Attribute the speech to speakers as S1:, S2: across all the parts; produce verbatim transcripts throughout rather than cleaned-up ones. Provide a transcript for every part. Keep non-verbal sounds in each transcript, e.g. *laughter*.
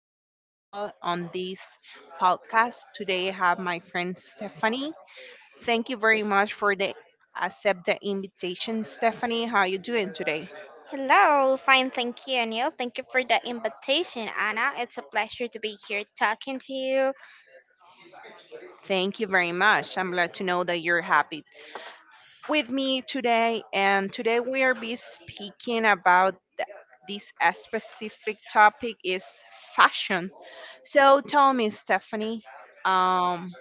S1: new episode on this podcast. Today I have my friend Stephanie. Thank you very much for the accept the invitation, Stephanie. How you doing today?
S2: Hello, fine, thank you, Neil. Thank you for the invitation, Anna. It's a pleasure to be here talking to you.
S1: Thank you very much. I'm glad to know that you're happy with me today. And today we are be speaking about th- this uh, specific topic is fashion. So tell me, Stephanie, um,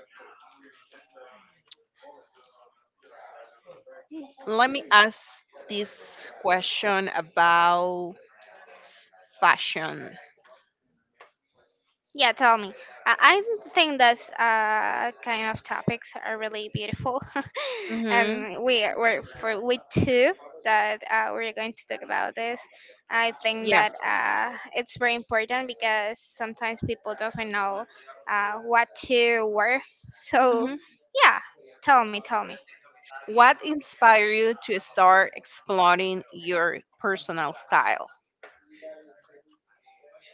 S1: let me ask this question about s- fashion.
S2: Yeah, tell me. I, I think that's uh, kind of topics are really beautiful, *laughs*
S1: Mm-hmm.
S2: and we are- we're for we two that uh, we're going to talk about this. I think
S1: Yes.
S2: that uh, it's very important because sometimes people doesn't know uh, what to wear. So,
S1: Mm-hmm.
S2: yeah, tell me, tell me.
S1: What inspired you to start exploring your personal style?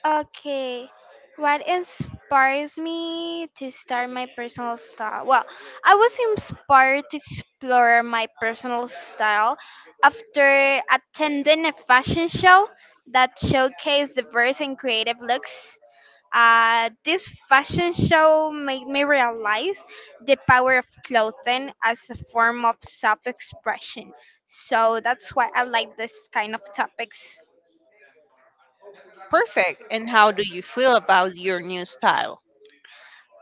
S2: Okay. What inspires me to start my personal style? Well, I was inspired to explore my personal style after attending a fashion show that showcased diverse and creative looks. Uh, this fashion show made me realize the power of clothing as a form of self expression. So that's why I like this kind of topics.
S1: Perfect. And how do you feel about your new style?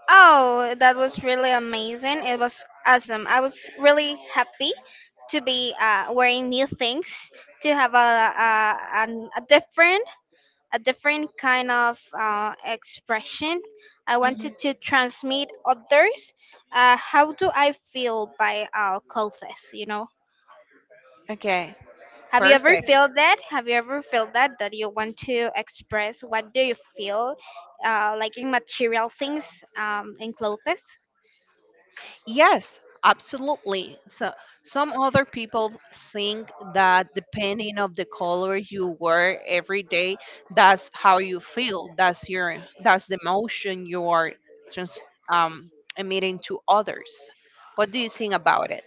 S2: Oh, that was really amazing. It was awesome. I was really happy to be uh, wearing new things, to have a a, an a different a different kind of uh, expression. I
S1: Mm-hmm.
S2: wanted to transmit others. Uh, how do I feel by uh, clothes? You know,
S1: Okay.
S2: have you ever
S1: Perfect.
S2: felt that? Have you ever felt that that you want to express what do you feel, uh, like in material things, um, in clothes?
S1: Yes, absolutely. So some other people think that depending of the color you wear every day, that's how you feel. That's your that's the emotion you are trans, um, emitting to others. What do you think about it?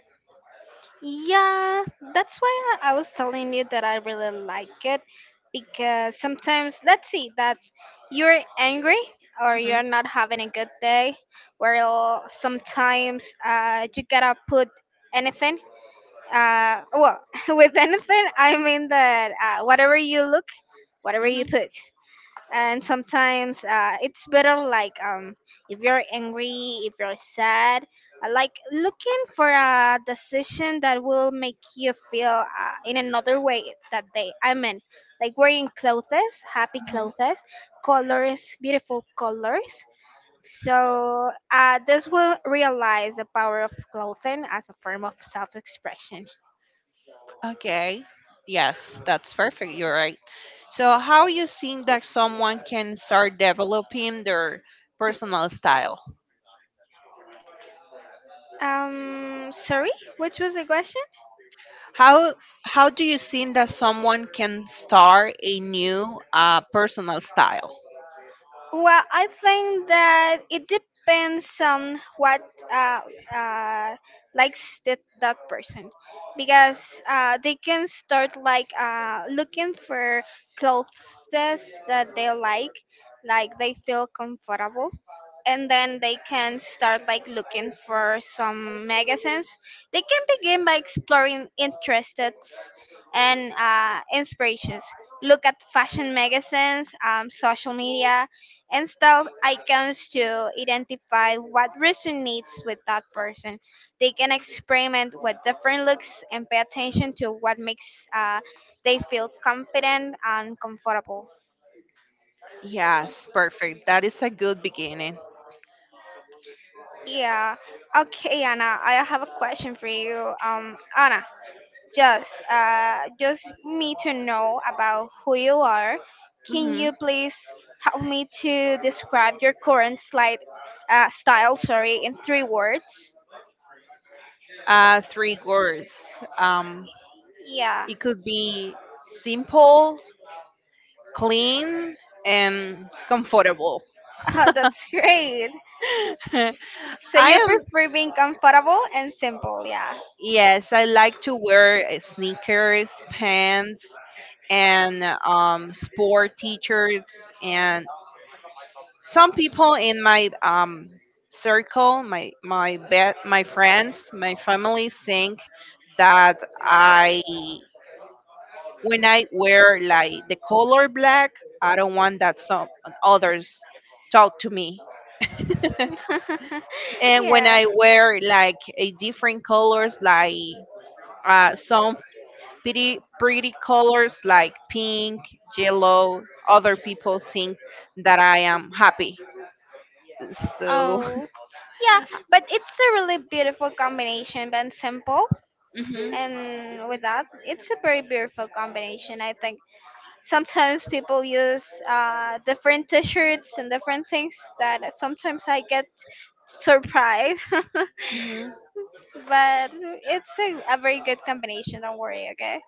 S2: Yeah, that's why I I was telling you that I really like it because sometimes let's see that you're angry or
S1: Hmm.
S2: you're not having a good day, where sometimes uh, you gotta put anything. Uh, well, *laughs* with anything I mean that uh, whatever you look, whatever you
S1: Hmm.
S2: put, and sometimes uh, it's better like um if you're angry, if you're sad, uh, like looking for a decision that will make you feel uh, in another way that day, I mean, like wearing clothes, happy
S1: Hmm.
S2: clothes, colors, beautiful colors. So uh, this will realize the power of clothing as a form of self-expression.
S1: Okay. Yes, that's perfect. You're right. So how you think that someone can start developing their personal style?
S2: um sorry, which was the question?
S1: How how do you think that someone can start a new uh, personal style?
S2: Well, I think that it depends on what uh, uh, likes that, that person, because uh, they can start like uh, looking for clothes that they like, like they feel comfortable, and then they can start like looking for some magazines. They can begin by exploring interests and uh, inspirations. Look at fashion magazines, um, social media, and style icons to identify what resonates with that person. They can experiment with different looks and pay attention to what makes uh, they feel confident and comfortable.
S1: Yes, perfect. That is a good beginning.
S2: Yeah. Okay, Anna, I have a question for you. Um, Anna, just uh, just me to know about who you are. Can
S1: Hmm.
S2: you please help me to describe your current slide uh, style? Sorry, in three words.
S1: Uh, three words. Um,
S2: Yeah.
S1: it could be simple, clean, and comfortable.
S2: Oh, that's great.
S1: *laughs* I
S2: So you
S1: am,
S2: prefer being comfortable and simple, yeah.
S1: yes, I like to wear uh, sneakers, pants, and um, sport t shirts, and some people in my um, circle, my my be- my friends, my family think that I when I wear like the color black, I don't want that some others talk to me.
S2: *laughs*
S1: And when
S2: Yeah.
S1: I wear like a different colors, like uh, some pretty pretty colors like pink, yellow, other people think that I am happy. So.
S2: Oh. Yeah, but it's a really beautiful combination, but simple.
S1: *laughs* Mhm.
S2: And with that, it's a very beautiful combination, I think. Sometimes people use uh, different t shirts and different things that sometimes I get surprised. *laughs* But
S1: Mhm.
S2: it's a, a very good combination, don't worry, okay?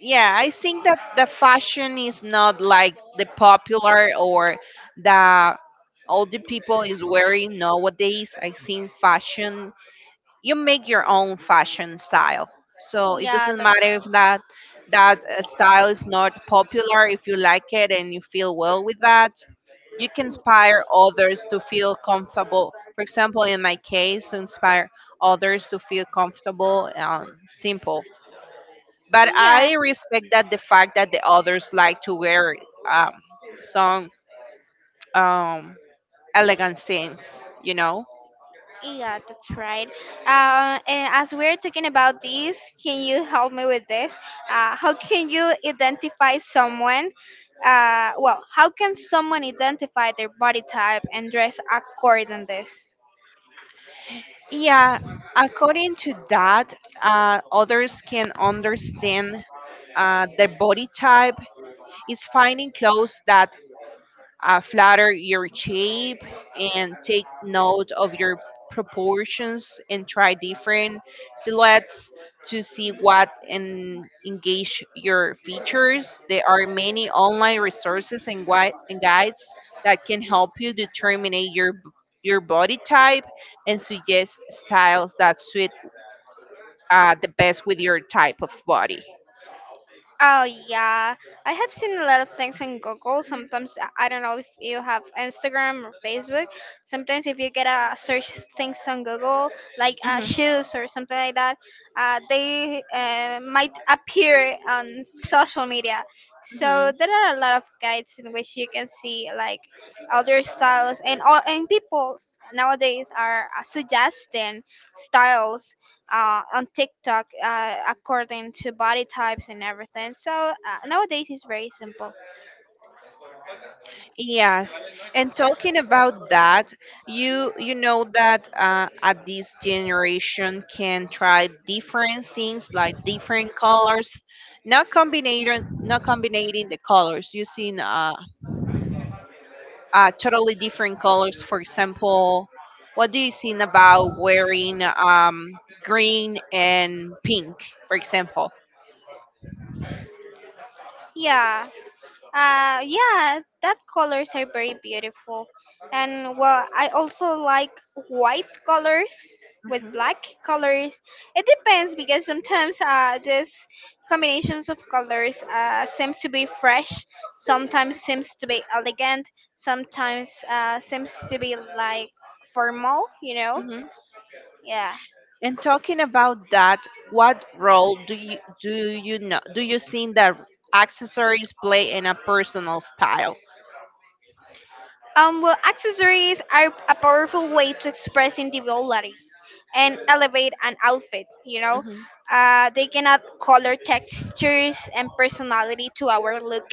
S1: Yeah, I think that the fashion is not like the popular or the all the people is wearing nowadays. I think fashion you make your own fashion style, so it
S2: Yeah,
S1: doesn't
S2: that's
S1: matter
S2: right.
S1: if that that uh, style is not popular. If you like it and you feel well with that, you can inspire others to feel comfortable. For example, in my case, to inspire others to feel comfortable, um, simple, but
S2: Yeah,
S1: I respect that the fact that the others like to wear, um, some um, elegant things, you know.
S2: yeah, that's right. Uh, and as we're talking about this, can you help me with this? Uh, how can you identify someone? Uh, well, how can someone identify their body type and dress according to this?
S1: Yeah, according to that, uh, others can understand uh, their body type is finding clothes that uh, flatter your shape and take note of your proportions and try different silhouettes to see what and engage your features. There are many online resources and, gui- and guides that can help you determine your b- your body type and suggest styles that suit uh, the best with your type of body.
S2: Oh yeah, I have seen a lot of things on Google. Sometimes I I don't know if you have Instagram or Facebook. Sometimes if you get a search things on Google, like uh, shoes or something like that, uh, they uh, might appear on social media.
S1: Hmm.
S2: So there are a lot of guides in which you can see like other styles and all, and people nowadays are uh, suggesting styles uh, on TikTok uh, according to body types and everything. So uh, nowadays it's very simple.
S1: Yes, and talking about that, you you know that uh, at this generation can try different things like different colors, not combining not combining the colors, using uh, uh totally different colors. For example, what do you think about wearing um green and pink, for example?
S2: Yeah, uh, yeah, that colors are very beautiful, and well, I also like white colors with black colors. It depends because sometimes uh, these combinations of colors uh, seem to be fresh. Sometimes seems to be elegant. Sometimes uh, seems to be like formal. You know?
S1: Hmm.
S2: Yeah.
S1: And talking about that, what role do you do you know do you think that accessories play in a personal style?
S2: Um, well, accessories are a powerful way to express individuality and elevate an outfit. You know,
S1: Mhm.
S2: uh, they can add color, textures, and personality to our look.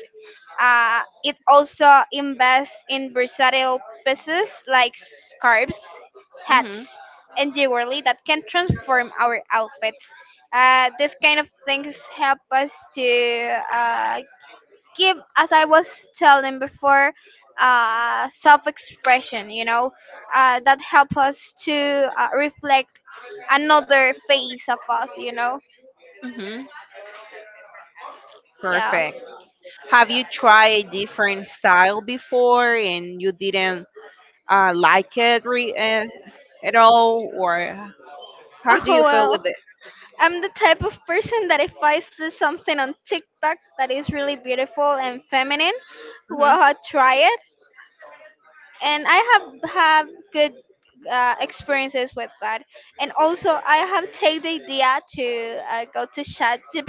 S2: Uh, it also invests in versatile pieces like scarves,
S1: Mhm.
S2: hats, and jewelry that can transform our outfits. Uh, this kind of things help us to uh, give, as I was telling before, uh self-expression, you know, uh that help us to uh, reflect another face of us, you know.
S1: Mhm.
S2: Yeah.
S1: Perfect. Have you tried a different style before and you didn't uh, like it re- uh, at all, or how do you
S2: Oh
S1: feel
S2: well,
S1: with it?
S2: I'm the type of person that if I see something on TikTok that is really beautiful and feminine,
S1: Mhm.
S2: well, I try it, and I have have good uh, experiences with that, and also I have take the idea to uh, go to chat the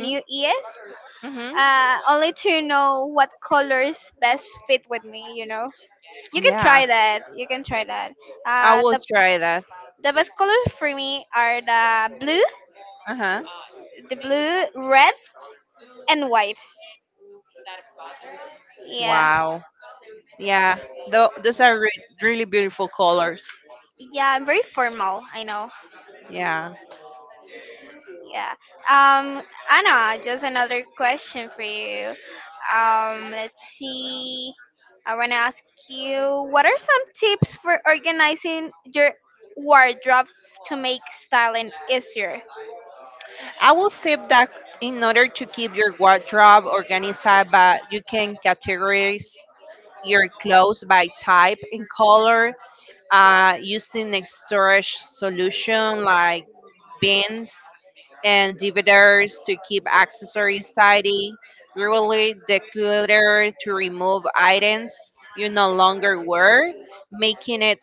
S2: new es,
S1: Mhm.
S2: uh, only to know what colors best fit with me. You know, you can try
S1: Yeah,
S2: that. You can try that.
S1: I
S2: Uh,
S1: will
S2: the
S1: try that.
S2: the best colors for me are the blue,
S1: Uh huh.
S2: the blue, red, and white. Yeah,
S1: Wow. Yeah, tho- those are re- really beautiful colors.
S2: yeah. I'm very formal. I know.
S1: Yeah.
S2: Yeah. Um, Anna, just another question for you. Um, let's see. I want to ask you, what are some tips for organizing your wardrobe to make styling easier?
S1: I will say that in order to keep your wardrobe organized, but you can categorize your clothes by type and color, uh, using a storage solution like bins and dividers to keep accessories tidy, really declutter to remove items you no longer wear, making it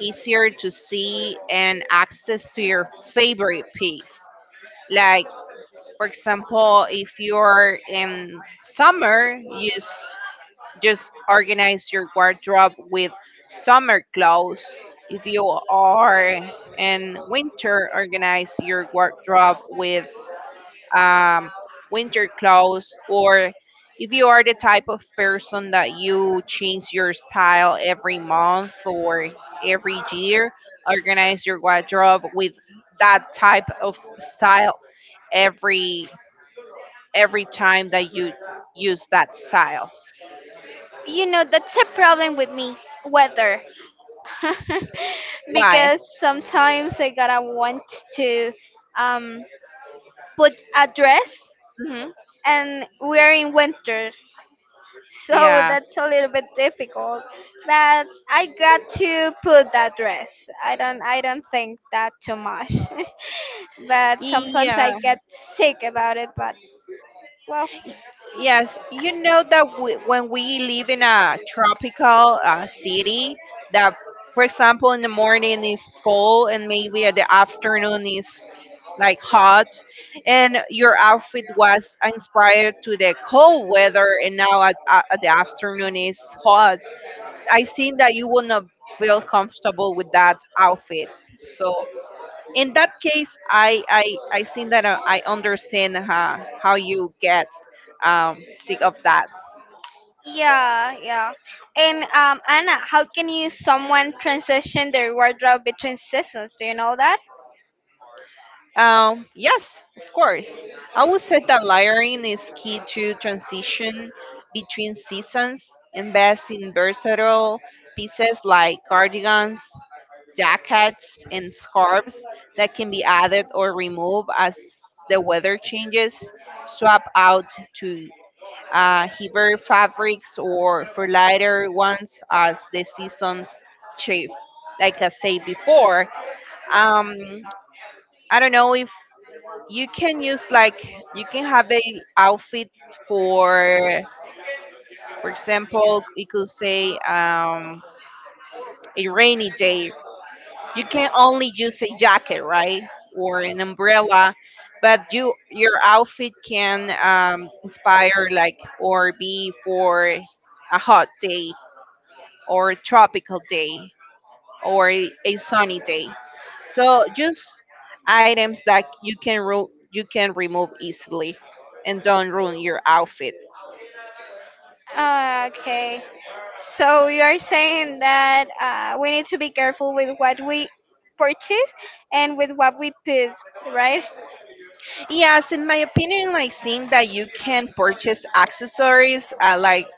S1: easier to see and access to your favorite piece, like, for example, if you're in summer, you s- just organize your wardrobe with summer clothes. If you are in winter, organize your wardrobe with um, winter clothes. Or if you are the type of person that you change your style every month or every year, organize your wardrobe with that type of style every every time that you use that style.
S2: You know, that's a problem with me, weather. *laughs*
S1: Why?
S2: Because sometimes I gotta want to, um, put a dress,
S1: Hmm.
S2: and we're in winter. So
S1: Yeah.
S2: that's a little bit difficult. But I got to put that dress. I don't I don't think that too much. *laughs* But sometimes I
S1: Yeah.
S2: get sick about it, but well,
S1: Yes. You know that we, when we live in a tropical uh, city, that, for example, in the morning is cold and maybe at the afternoon is like hot, and your outfit was inspired to the cold weather, and now at, at at the afternoon is hot. I think that you will not feel comfortable with that outfit. So in that case, i i i think that uh, I understand how how you get um sick of that.
S2: yeah, yeah. And um, Anna, how can you someone transition their wardrobe between seasons? Do you know
S1: Um yes, of course. I would say that layering is key to transition between seasons. Invest in versatile pieces like cardigans, jackets, and scarves that can be added or removed as the weather changes. Swap out to uh, Heber Fabrics or for lighter ones as the season's chief. Like I said before, um, I don't know if you can use like you can have a outfit for, for example, you could say, um, a rainy day. You can only use a jacket, right, or an umbrella. But you, your outfit can um, inspire like or be for a hot day or a tropical day or a, a sunny day. So just items that you can ru- you can remove easily and don't ruin your outfit.
S2: that? Okay. So you are saying that uh, we need to be careful with what we purchase and with what we put, right?
S1: Yes, in my opinion, I think that you can purchase accessories, uh, like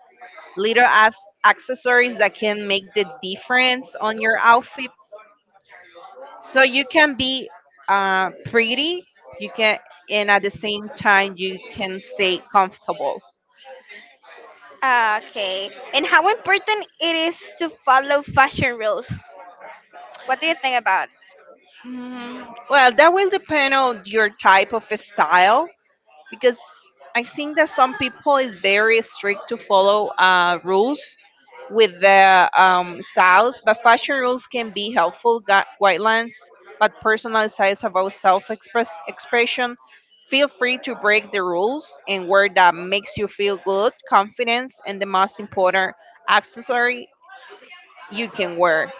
S1: little as accessories that can make the difference on your outfit. So you can be, uh, pretty, you can, and at the same time you can stay comfortable.
S2: Okay. And how important it is to follow fashion rules. What do you think about?
S1: Mm, well, that will depend on your type of style because I think that some people is very strict to follow uh, rules with their um, styles, but fashion rules can be helpful gui- guidelines, but personal styles about self-express expression. Feel free to break the rules and wear that makes you feel good, confidence, and the most important accessory you can wear.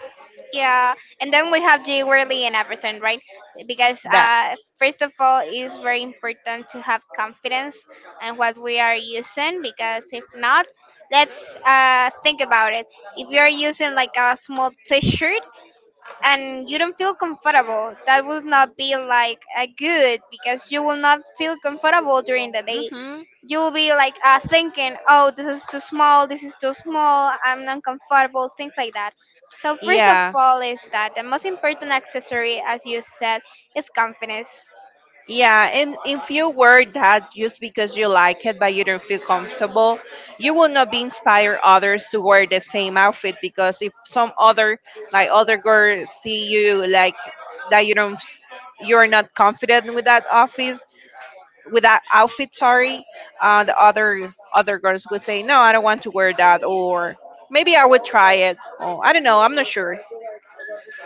S2: Yeah, and then we have Jay Worley and everything, right? Because
S1: That.
S2: uh, first of all, it's very important to have confidence in what we are using. Because if not, let's uh, think about it. If you are using like a small T-shirt, and you don't feel comfortable, that will not be like a good, because you will not feel comfortable during the day.
S1: Hmm.
S2: You will be like uh, thinking, oh, this is too small, this is too small, I'm not comfortable, things like that. So first of
S1: Yeah.
S2: all is that the most important accessory, as you said, is confidence.
S1: Yeah, and if you wear that just because you like it but you don't feel comfortable, you will not be inspire others to wear the same outfit, because if some other, like other girls see you like that you don't s- you're not confident with that office, with that outfit, sorry, uh, the other other girls would say, "No, I don't want to wear that, or maybe I would try it. Oh, I don't know, I'm not sure."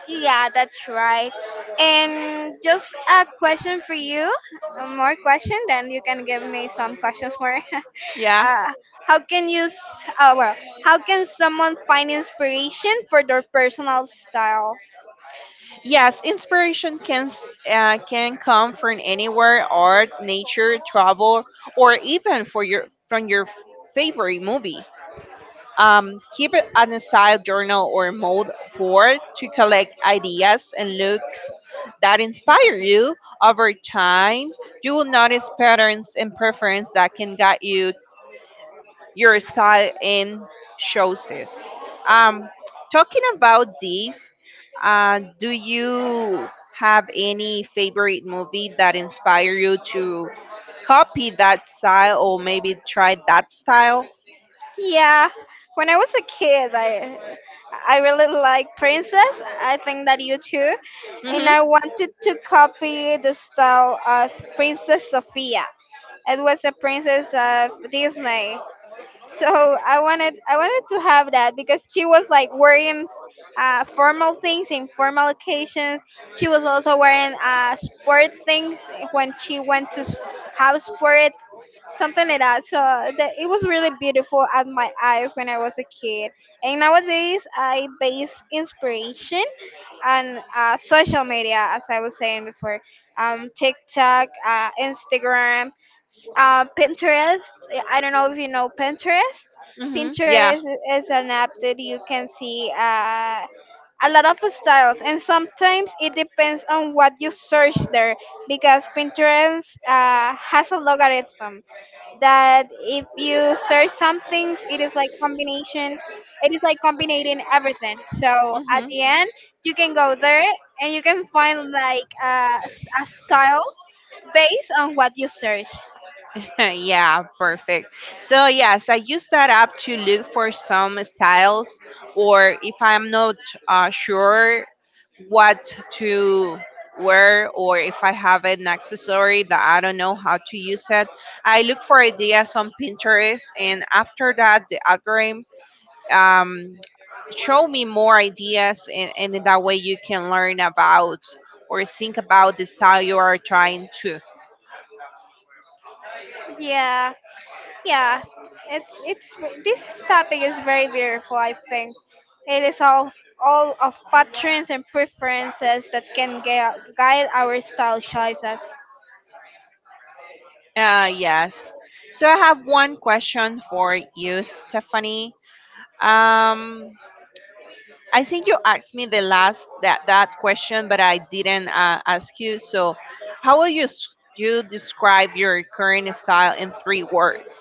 S2: Yeah, that's right. And just a question for you, a more question, then you can give me some questions more. *laughs*
S1: Yeah.
S2: uh, how can you, s- uh, well, how can someone find inspiration for their personal style?
S1: Yes, inspiration can s- uh, can come from anywhere: art, nature, travel, or even for your from your favorite movie. Um, keep it on a style journal or mold board to collect ideas and looks that inspire you over time. You will notice patterns and preference that can guide you your style and choices. Um, talking about this, uh, do you have any favorite movie that inspire you to copy that style or maybe try that style?
S2: Yeah, when I was a kid, I I really like Princess. I think that you too. And
S1: Mm-hmm.
S2: I wanted to copy the style of Princess Sophia. It was a princess of Disney. So I wanted I wanted to have that because she was like worrying uh, formal things in formal occasions. She was also wearing uh, sport things when she went to s- house sport, something like that. So that it was really beautiful at my eyes when I was a kid. And nowadays, I base inspiration on uh, social media, as I was saying before, um, TikTok, uh, Instagram, s- uh, Pinterest. I don't know if you know Pinterest.
S1: Mm-hmm. Yeah.
S2: Pinterest is an app that you can see. Uh, a lot of styles, and sometimes it depends on what you search there, because Pinterest uh, has a logarithm that if you search some things, it is like combination, it is like combining everything, so at the end you can go there and you can find like a, a style based on what you search.
S1: *laughs* Yeah, perfect. So yes, I use that app to look for some styles, or if I'm not, uh, sure what to wear, or if I have an accessory that I don't know how to use it, I look for ideas on Pinterest, and after that, the algorithm, um, show me more ideas, and, and in that way you can learn about or think about the style you are trying to.
S2: Yeah, yeah, it's it's ve- this topic is very beautiful, I think. It is all all of patterns and preferences that can gui- guide our style choices.
S1: Uh, yes. So I have one question for you, Stephanie. Um, I think you asked me the last that that question, but I didn't uh, ask you. So, how will you s- you describe your current style in three words?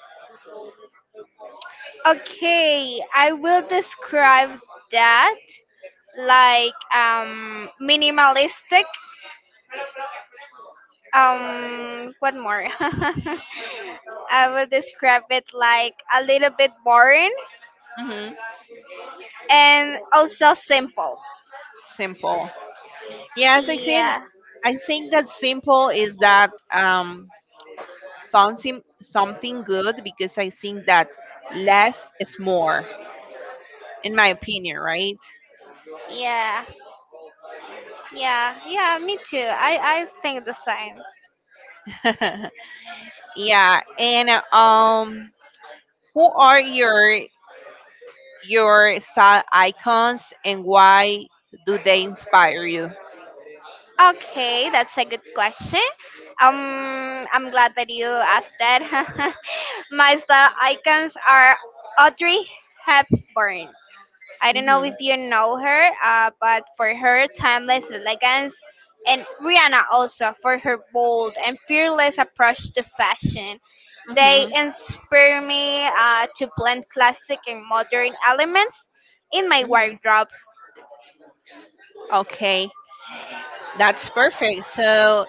S2: Okay, I will describe that like um minimalistic, um what more, *laughs* I will describe it like a little bit boring,
S1: Hmm.
S2: and also simple.
S1: Simple. Yes, I think
S2: Yeah,
S1: I think that simple is that um found sim- something good, because I think that less is more, in my opinion, right?
S2: yeah. Yeah, yeah, me too. I, I think the same.
S1: *laughs* Yeah, and um, who are your your style icons and why do they inspire you?
S2: Okay, that's a good question. Um, I'm glad that you asked that. *laughs* My style icons are Audrey Hepburn. I don't know if
S1: Mhm.
S2: you know her, uh, but for her timeless elegance, and Rihanna also for her bold and fearless approach to fashion. They
S1: Mhm.
S2: inspire me uh, to blend classic and modern elements in my
S1: Mhm.
S2: wardrobe.
S1: Okay, that's perfect. So,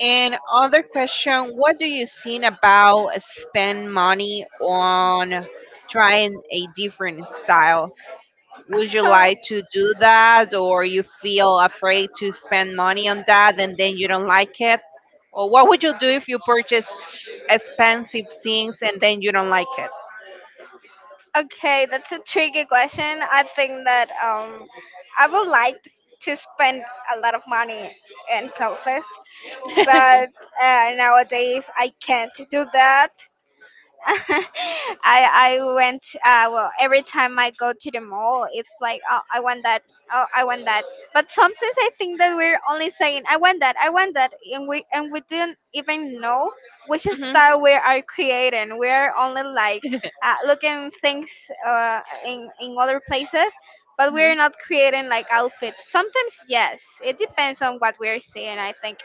S1: and other question, what do you think about spend money on trying a different style? Would you like
S2: *laughs*
S1: to do that, or you feel afraid to spend money on that and then you don't like it? Or what would you do if you purchase expensive things and then you don't like it?
S2: Okay, that's a tricky question. I think that um, I would like to spend a lot of money in clothes, but uh, nowadays I can't do that *laughs* I I went uh well, every time I go to the mall it's like, oh, I want that, oh, I want that. But sometimes I think that we're only saying I want that, I want that, and we and we didn't even know which
S1: Mhm.
S2: style we are creating. We're only like uh, looking things uh in in other places, but we're
S1: Mhm.
S2: not creating like outfits. Sometimes, yes, it depends on what we're seeing, I think.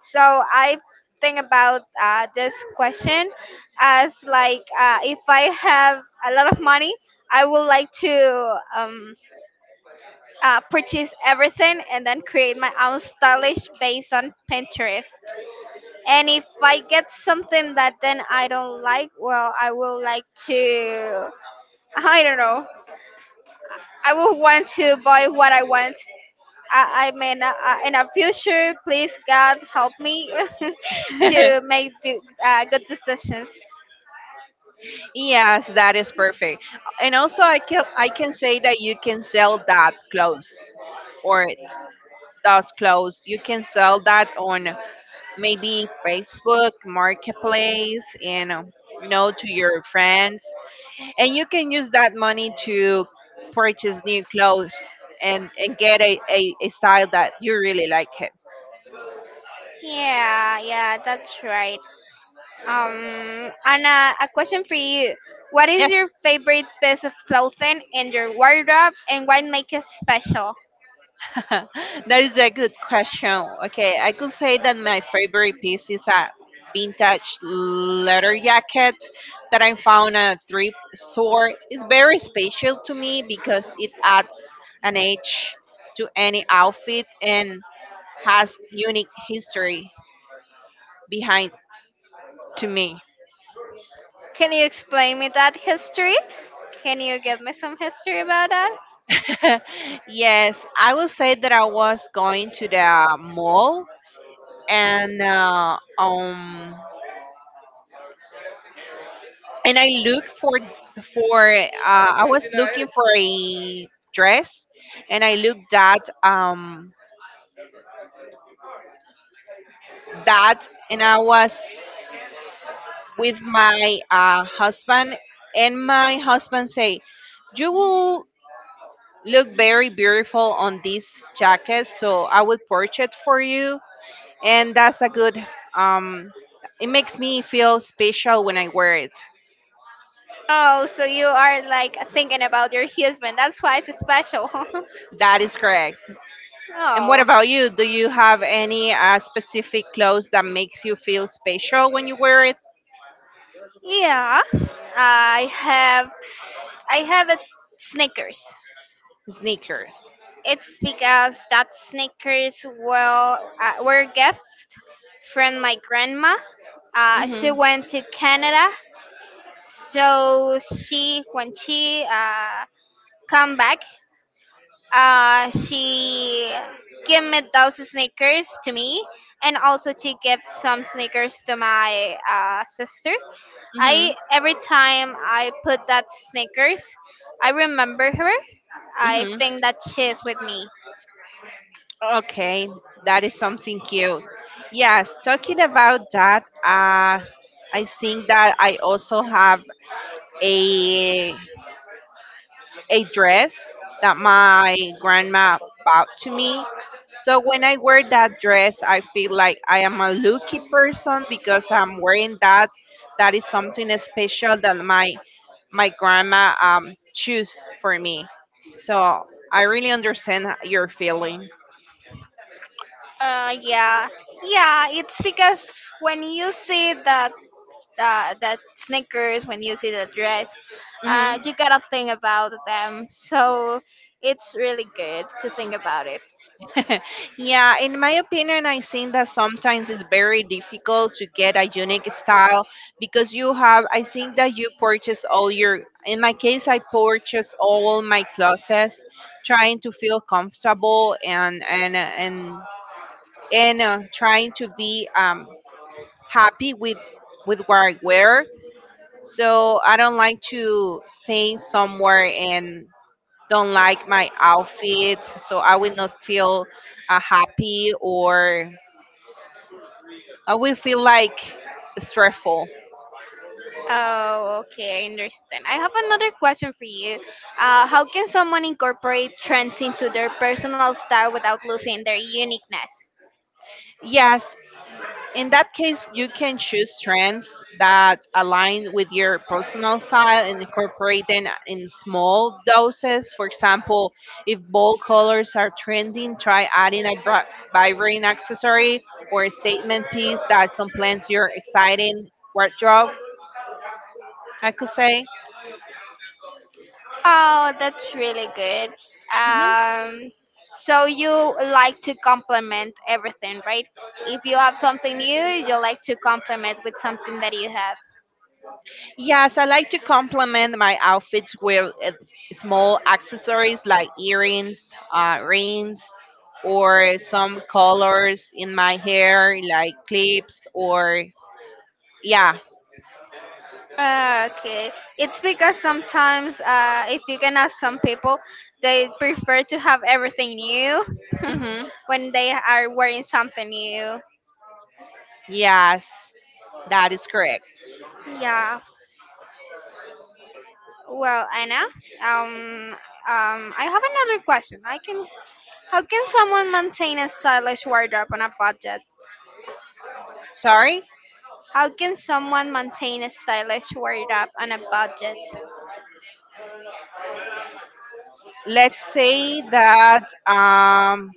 S2: So I think about uh, this question as like, uh, if I have a lot of money, I would like to um, uh, purchase everything and then create my own stylish based on Pinterest. And if I get something that then I don't like, well, I will like to, I don't know. I will want to buy what I want. I, I mean, uh, uh, in a future, please God help me *laughs* to
S1: *laughs*
S2: make big- uh, good decisions.
S1: Yes, that is perfect. And also I can I can say that you can sell that clothes or those clothes. You can sell that on maybe Facebook Marketplace and, um, you know to your friends, and you can use that money to purchase new clothes and and get a, a, a style that you really like it.
S2: Yeah, yeah, that's right. Um, Anna, a question for you. What is your
S1: Yes.
S2: favorite piece of clothing in your wardrobe, and what makes it special?
S1: *laughs* That is a good question. Okay, I could say that my favorite piece is a vintage leather jacket that I found at a thrift store. It's very special to me because it adds an edge to any outfit and has unique history behind to me.
S2: Can you explain me that history? Can you give me some history about that?
S1: *laughs* Yes, I will say that I was going to the mall and uh, um and I look for for uh, I was looking for a dress, and I looked at um that, and I was with my uh, husband, and my husband say, "You will look very beautiful on this jacket, so I will purchase it for you." And that's a good um. It makes me feel special when I wear it.
S2: Oh, so you are like thinking about your husband. That's why it's special. *laughs*
S1: That is correct. And what
S2: Oh,
S1: about you? Do you have any uh, specific clothes that makes you feel special when you wear it?
S2: yeah. I have, I have a Snickers.
S1: Sneakers.
S2: It's because that Snickers, well, uh, were a gift from my grandma. Uh, she
S1: Mhm.
S2: went to Canada, so she, when she uh, come back, uh, she gave me those Snickers to me, and also she gave some Snickers to my uh, sister. I,
S1: Mhm.
S2: every time I put that Snickers, I remember her. I
S1: Mhm.
S2: think that she is with me.
S1: Okay, that is something cute. Yes, talking about that, uh, I think that I also have a a dress that my grandma bought to me. So when I wear that dress, I feel like I am a lucky person because I'm wearing that. That is something special that my my grandma um choose for me. So I really understand your feeling.
S2: Uh, yeah, yeah. It's because when you see that uh, that sneakers, when you see the dress, uh,
S1: Mhm.
S2: you gotta think about them. So it's really good to think about it.
S1: *laughs* Yeah, in my opinion, I think that sometimes it's very difficult to get a unique style, because you have, I think that you purchase all your, in my case, I purchase all my clothes trying to feel comfortable and, and, and, and uh, trying to be um, happy with, with what I wear. So I don't like to stay somewhere and don't like my outfit, so I will not feel uh, happy or I will feel like stressful.
S2: Oh, okay, I understand. I have another question for you. Uh, how can someone incorporate trends into their personal style without losing their uniqueness?
S1: Yes, in that case, you can choose trends that align with your personal style and incorporate them in small doses. For example, if bold colors are trending, try adding a bra- vibrant accessory or a statement piece that complements your exciting wardrobe, I could say.
S2: Oh, that's really good.
S1: Mm-hmm.
S2: Um, so you like to complement everything, right? If you have something new, you like to complement with something that you have.
S1: Yes, I like to complement my outfits with uh, small accessories like earrings, uh, rings, or some colors in my hair, like clips, or yeah.
S2: Ah, okay, it's because sometimes uh, if you can ask some people, they prefer to have everything new *laughs*
S1: Hmm.
S2: when they are wearing something new.
S1: Yes, that is correct.
S2: Yeah. Well, Anna, um, um, I have another question. I can How can someone maintain a stylish wardrobe on a budget?
S1: Sorry?
S2: How can someone maintain a stylish wardrobe on a budget?
S1: Let's say that um,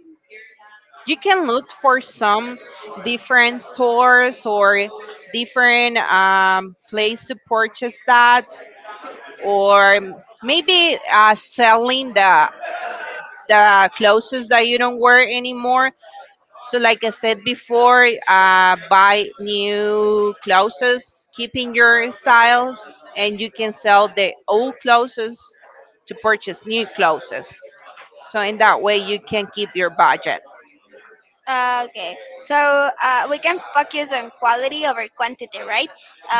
S1: you can look for some different stores or different um, place to purchase that, or maybe uh, selling the the clothes that you don't wear anymore. So, like I said before, uh, buy new clothes, keeping your style, and you can sell the old clothes to purchase new clothes. So, in that way, you can keep your budget.
S2: Uh, okay, so uh, we can focus on quality over quantity, right?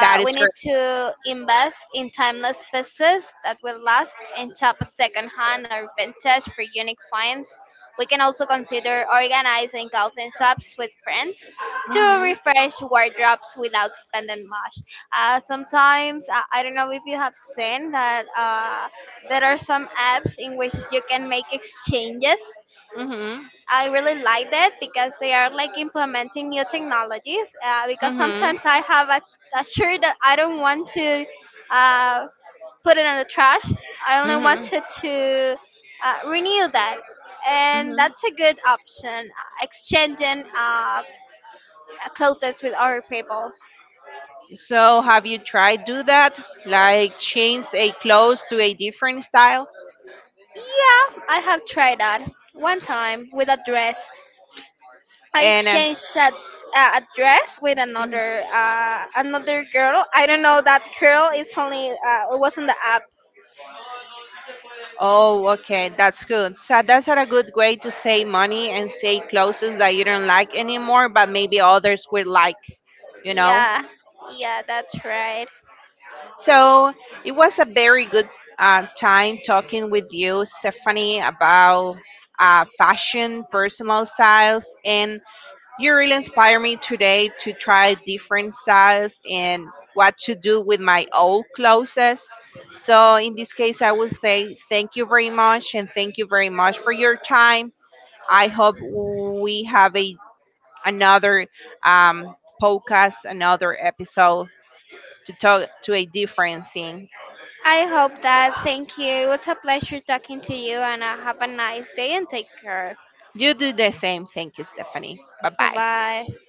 S1: That
S2: we
S1: is
S2: need
S1: correct.
S2: to invest in timeless pieces that will last, and shop secondhand or vintage for unique finds. We can also consider organizing clothing swaps with friends to
S1: Mhm,
S2: refresh wardrobes without spending much. Uh, sometimes, I I don't know if you have seen that, uh, there are some apps in which you can make exchanges.
S1: mhm,
S2: I really like that because they are like implementing new technologies. Uh, because
S1: mhm,
S2: sometimes I have a, a shirt that I don't want to uh, put it in the trash. I only
S1: mhm,
S2: wanted to uh, renew that, and
S1: mhm.
S2: that's a good option. Uh, exchanging uh, clothes with other people.
S1: So, have you tried do that? Like change a clothes to a different style?
S2: Yeah, I have tried that one time with a dress. I
S1: And uh,
S2: exchanged that uh, address with
S1: mm,
S2: another uh, another girl. I don't know that girl. It's only uh, it was in the app.
S1: oh, okay, that's good. So that's not a good way to save money and save clothes that you don't like anymore, but maybe others will like, you know.
S2: Yeah, yeah, that's right.
S1: So it was a very good uh, time talking with you, Stephanie, about uh, fashion, personal styles, and You really inspire me today to try different styles and what to do with my old clothes. So, in this case, I will say thank you very much and thank you very much for your time. I hope we have a another um, podcast, another episode to talk to a different thing.
S2: I hope that. Thank you. It's a pleasure talking to you, and uh, have a nice day and take care.
S1: You do the same. Thank you, Stephanie. Bye
S2: Bye
S1: bye.
S2: bye.